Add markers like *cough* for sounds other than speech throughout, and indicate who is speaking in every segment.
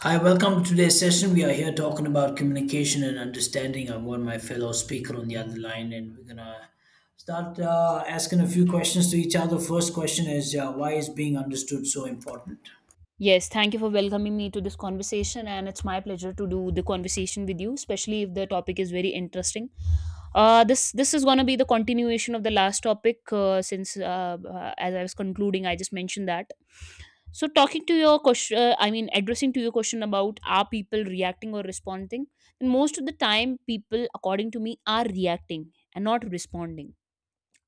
Speaker 1: Hi, welcome to today's session. We are here talking about communication and understanding. I've got my fellow speaker on the other line, and we're gonna start asking a few questions to each other. First question is why is being understood so important?
Speaker 2: Yes, thank you for welcoming me to this conversation, and it's my pleasure to do the conversation with you, especially if the topic is very interesting. This is gonna be the continuation of the last topic, since as I was concluding, I just mentioned that. So, talking to your question, I mean, addressing to your question, about are people reacting or responding? And most of the time, people, according to me, are reacting and not responding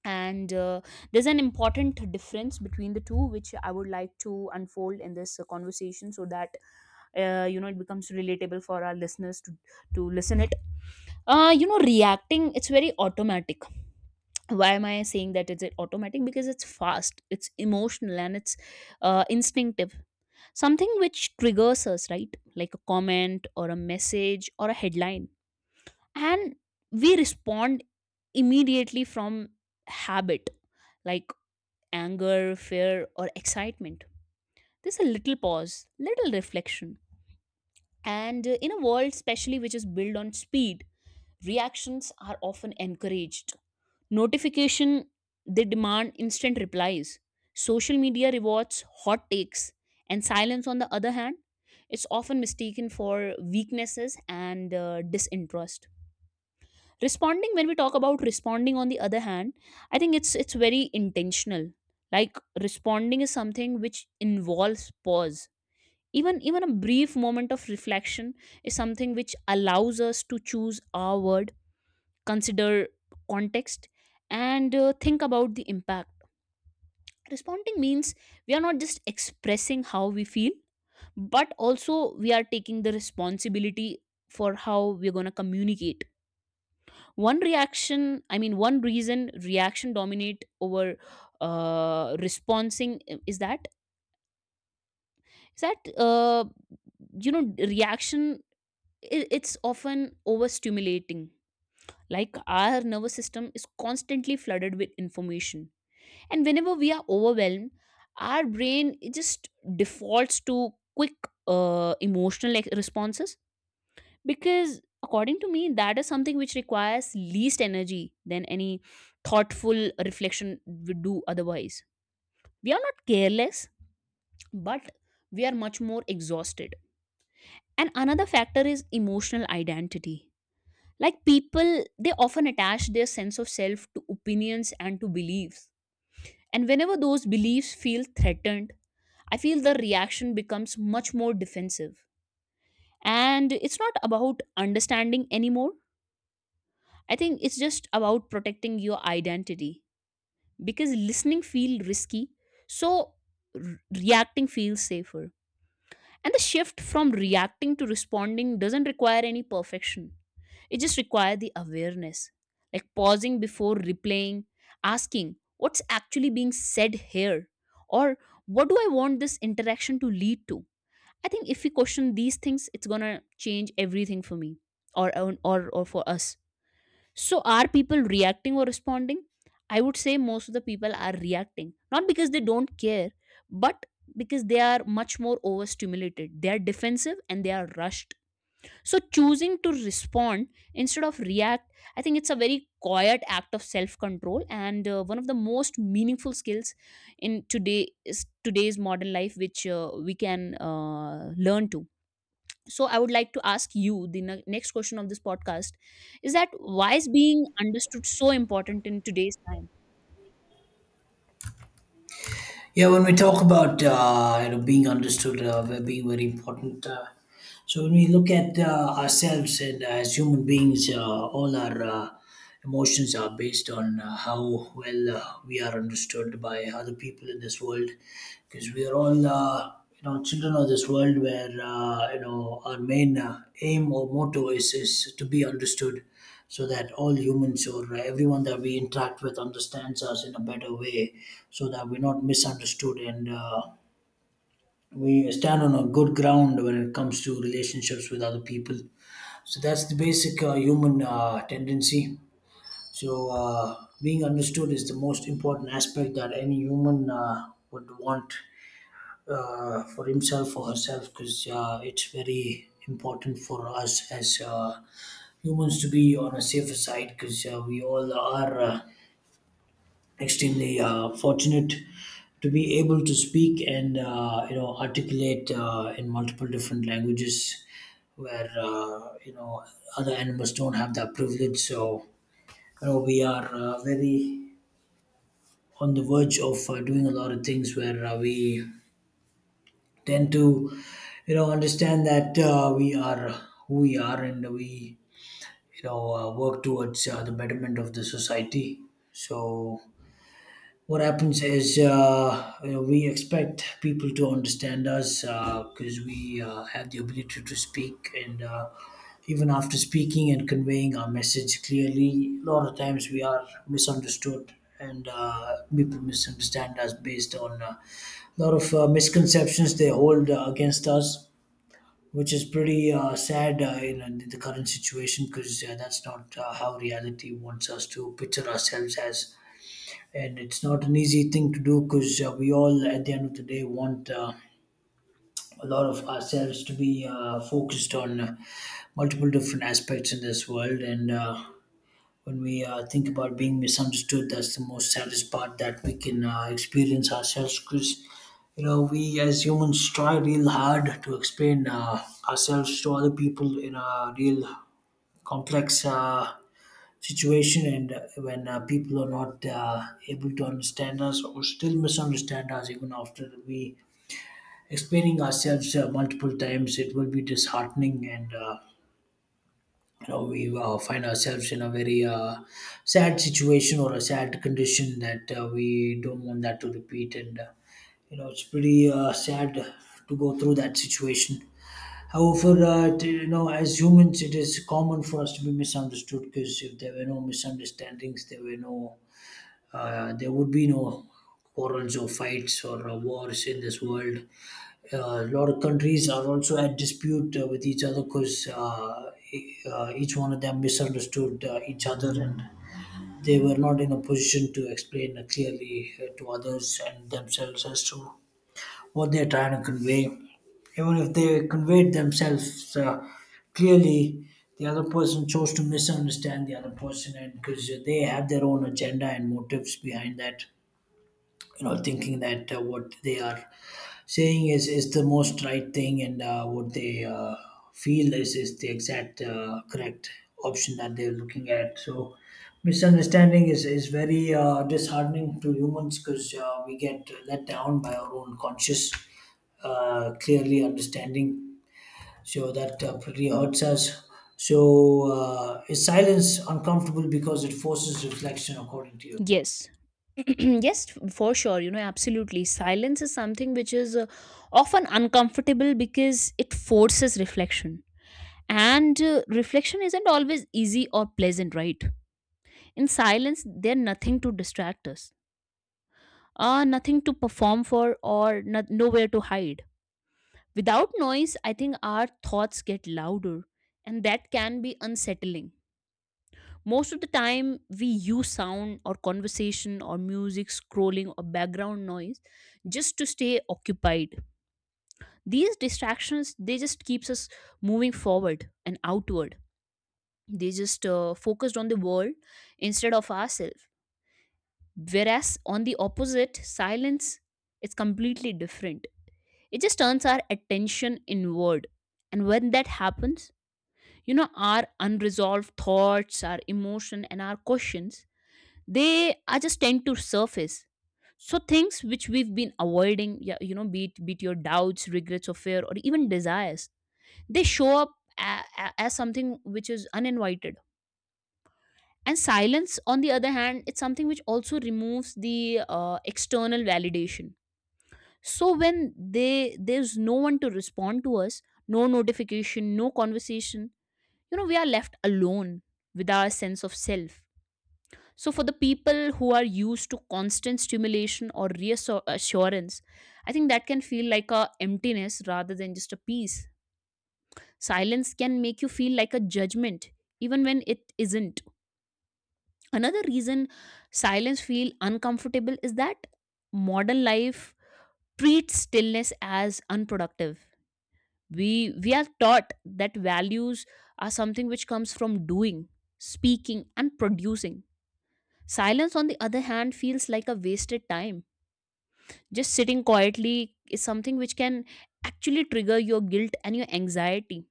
Speaker 2: and there's an important difference between the two which I would like to unfold in this conversation, so that it becomes relatable for our listeners to listen it. Reacting, it's very automatic. Why am I saying that it's automatic? Because it's fast, it's emotional, and it's instinctive. Something which triggers us, right? Like a comment or a message or a headline, and we respond immediately from habit, like anger, fear, or excitement. There's a little pause, little reflection. And in a world, especially which is built on speed, reactions are often encouraged. Notification, they demand instant replies. Social media rewards hot takes, and silence, on the other hand, it's often mistaken for weaknesses and disinterest. Responding, when we talk about responding on the other hand, I think it's very intentional. Like responding is something which involves pause. Even a brief moment of reflection is something which allows us to choose our word, consider context, and think about the impact. Responding means we are not just expressing how we feel, but also we are taking the responsibility for how we're going to communicate. One reason reaction dominate over responding, is that is that uh reaction, it's often overstimulating. Like our nervous system is constantly flooded with information, and whenever we are overwhelmed, our brain it just defaults to quick, emotional like responses, because according to me that is something which requires least energy than any thoughtful reflection would do. Otherwise, we are not careless, but we are much more exhausted. And another factor is emotional identity. Like people, they often attach their sense of self to opinions and to beliefs, and whenever those beliefs feel threatened, I feel the reaction becomes much more defensive. And it's not about understanding anymore. I think it's just about protecting your identity. Because listening feels risky, so reacting feels safer. And the shift from reacting to responding doesn't require any perfection. It just requires the awareness, like pausing before replaying, asking what's actually being said here, or what do I want this interaction to lead to. I think if we question these things, it's gonna change everything for me, or or for us. So, are people reacting or responding? I would say most of the people are reacting, not because they don't care, but because they are much more overstimulated. They are defensive and they are rushed. So choosing to respond instead of react, I think it's a very quiet act of self-control and one of the most meaningful skills in today's modern life, which we can learn to. So I would like to ask you the next question of this podcast, is that why is being understood so important in today's time?
Speaker 1: Yeah, when we talk about being understood, we're being very important. So when we look at ourselves and as human beings, all our emotions are based on how well we are understood by other people in this world, because we are all children of this world where our main aim or motto is to be understood, so that all humans or everyone that we interact with understands us in a better way, so that we're not misunderstood, and we stand on a good ground when it comes to relationships with other people. So that's the basic human tendency. So being understood is the most important aspect that any human would want for himself or herself, because it's very important for us as humans to be on a safer side, because we all are extremely fortunate to be able to speak and articulate in multiple different languages, where other animals don't have that privilege. So you know, we are very on the verge of doing a lot of things where we tend to you know understand that we are who we are, and we you know work towards the betterment of the society. So what happens is you know, we expect people to understand us because we have the ability to speak, and even after speaking and conveying our message clearly, a lot of times we are misunderstood. And people misunderstand us based on a lot of misconceptions they hold against us, which is pretty sad in the current situation, because that's not how reality wants us to picture ourselves as. And it's not an easy thing to do because we all, at the end of the day, want a lot of ourselves to be focused on multiple different aspects in this world. And when we think about being misunderstood, that's the most saddest part that we can experience ourselves, because you know, we as humans try real hard to explain ourselves to other people in a real complex situation, and when people are not able to understand us or still misunderstand us even after we explaining ourselves multiple times, it will be disheartening, and you know we find ourselves in a very sad situation or a sad condition that we don't want that to repeat, and you know it's pretty sad to go through that situation. However you know, as humans it is common for us to be misunderstood, because if there were no misunderstandings there were no there would be no quarrels or fights or wars in this world. A lot of countries are also at dispute with each other because each one of them misunderstood each other, and they were not in a position to explain clearly to others and themselves as to what they're trying to convey. Even if they conveyed themselves clearly, the other person chose to misunderstand the other person, and because they have their own agenda and motives behind that, you know, thinking that what they are saying is the most right thing, and what they feel is the exact correct option that they're looking at. So misunderstanding is very disheartening to humans, because we get let down by our own conscious clearly understanding, so that pretty hurts us. So is silence uncomfortable because it forces reflection, according to you?
Speaker 2: Yes. *clears throat* Yes, for sure, you know, absolutely. Silence is something which is often uncomfortable because it forces reflection. And reflection isn't always easy or pleasant, right? In silence, there's nothing to distract us, nothing to perform for, or not, nowhere to hide. Without noise, I think our thoughts get louder, and that can be unsettling. Most of the time, we use sound or conversation or music, scrolling or background noise just to stay occupied. These distractions, they just keeps us moving forward and outward. They just focused on the world instead of ourselves. Whereas on the opposite, silence is completely different. It just turns our attention inward, and when that happens, you know, our unresolved thoughts, our emotion, and our questions, they are just tend to surface. So things which we've been avoiding, yeah, you know, be it your doubts, regrets, or fear, or even desires, they show up a, as something which is uninvited. And silence, on the other hand, it's something which also removes the external validation. So when they there's no one to respond to us, no notification, no conversation, you know, we are left alone with our sense of self. So for the people who are used to constant stimulation or reassurance, I think that can feel like a emptiness rather than just a peace. Silence can make you feel like a judgment, even when it isn't. Another reason silence feel uncomfortable is that modern life treats stillness as unproductive. We we are taught that values are something which comes from doing, speaking, and producing. Silence, on the other hand, feels like a wasted time. Just sitting quietly is something which can actually trigger your guilt and your anxiety.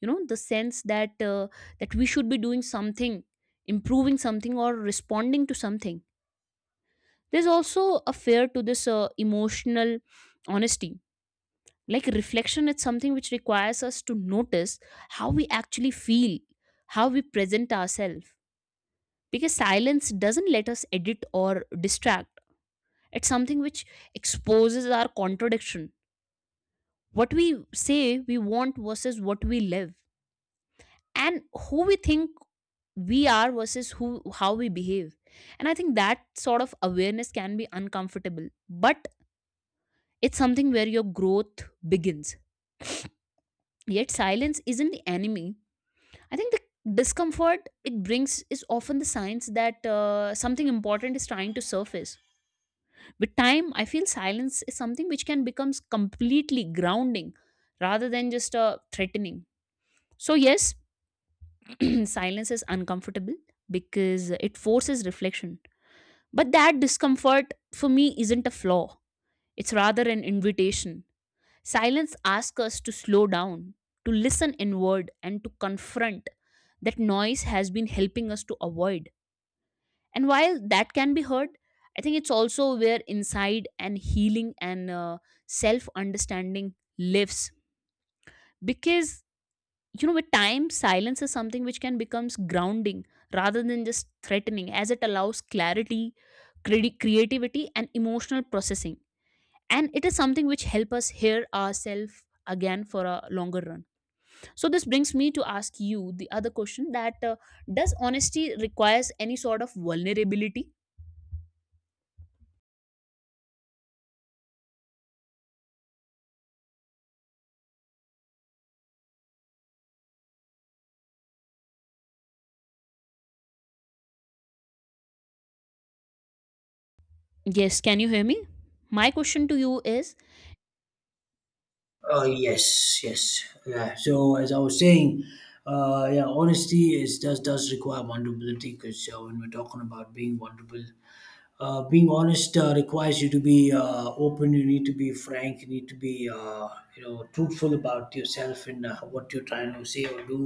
Speaker 2: You know, the sense that we should be doing something, improving something, or responding to something. There's also a fear to this emotional honesty. Like reflection, it's something which requires us to notice how we actually feel, how we present ourselves. Because silence doesn't let us edit or distract. It's something which exposes our contradiction. What we say we want versus what we live, and who we think we are versus who how we behave. And I think that sort of awareness can be uncomfortable, but it's something where your growth begins. Yet silence isn't the enemy. I think the discomfort it brings is often the signs that something important is trying to surface. With time, I feel silence is something which can become completely grounding rather than just threatening. So, yes, *clears throat* silence is uncomfortable because it forces reflection. But that discomfort for me isn't a flaw, it's rather an invitation. Silence asks us to slow down, to listen inward, and to confront that noise has been helping us to avoid. And while that can be heard, I think it's also where inside and healing and self understanding lives. Because, you know, with time, silence is something which can becomes grounding rather than just threatening, as it allows clarity, creativity, and emotional processing. And it is something which help us hear ourselves again for a longer run. So this brings me to ask you the other question, that does honesty requires any sort of vulnerability? Yes, can you hear me? My question to you is,
Speaker 1: Oh yes, yes, yeah. So as I was saying, yeah, honesty is does require vulnerability, because when we're talking about being vulnerable, being honest requires you to be open. You need to be frank. You need to be truthful about yourself and what you're trying to say or do,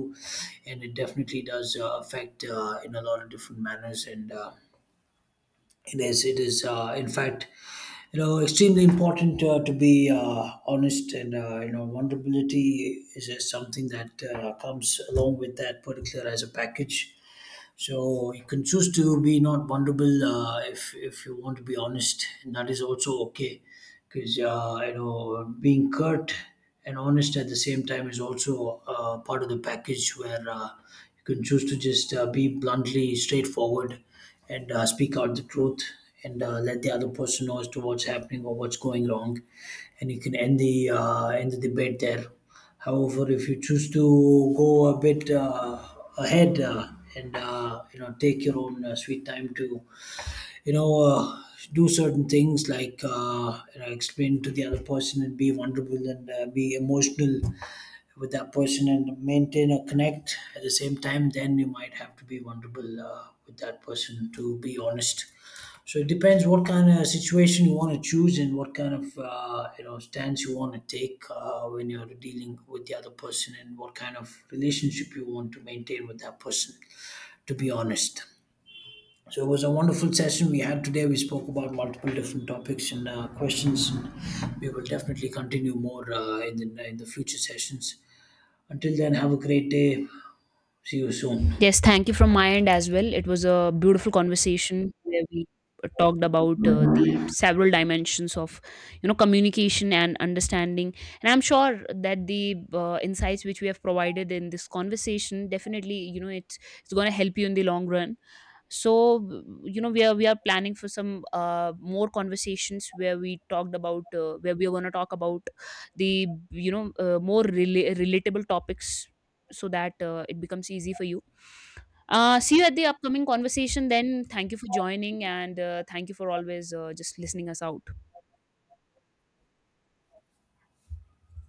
Speaker 1: and it definitely does affect in a lot of different manners. And it is in fact you know extremely important to be honest, and vulnerability is something that comes along with that particular as a package. So you can choose to be not vulnerable if you want to be honest, and that is also okay, because you know being curt and honest at the same time is also part of the package, where you can choose to just be bluntly straightforward and speak out the truth, and let the other person know as to what's happening or what's going wrong, and you can end the debate there. However, if you choose to go a bit ahead and you know take your own sweet time to you know uh, do certain things like you know explain to the other person and be vulnerable and be emotional with that person and maintain a connect at the same time, then you might have to be vulnerable with that person to be honest. So it depends what kind of situation you want to choose and what kind of stance you want to take when you're dealing with the other person, and what kind of relationship you want to maintain with that person, to be honest. So it was a wonderful session we had today. We spoke about multiple different topics and questions, and we will definitely continue more in the future sessions. Until then, have a great day. See you soon.
Speaker 2: yes, thank you from my end as well. It was a beautiful conversation where we talked about the several dimensions of, you know, communication and understanding. And I'm sure that the insights which we have provided in this conversation, definitely, you know, it's going to help you in the long run. So, you know, we are planning for some more conversations where we talked about where we are going to talk about the, you know, more relatable topics, so that it becomes easy for you. See you at the upcoming conversation then. Thank you for joining and thank you for always just listening us out.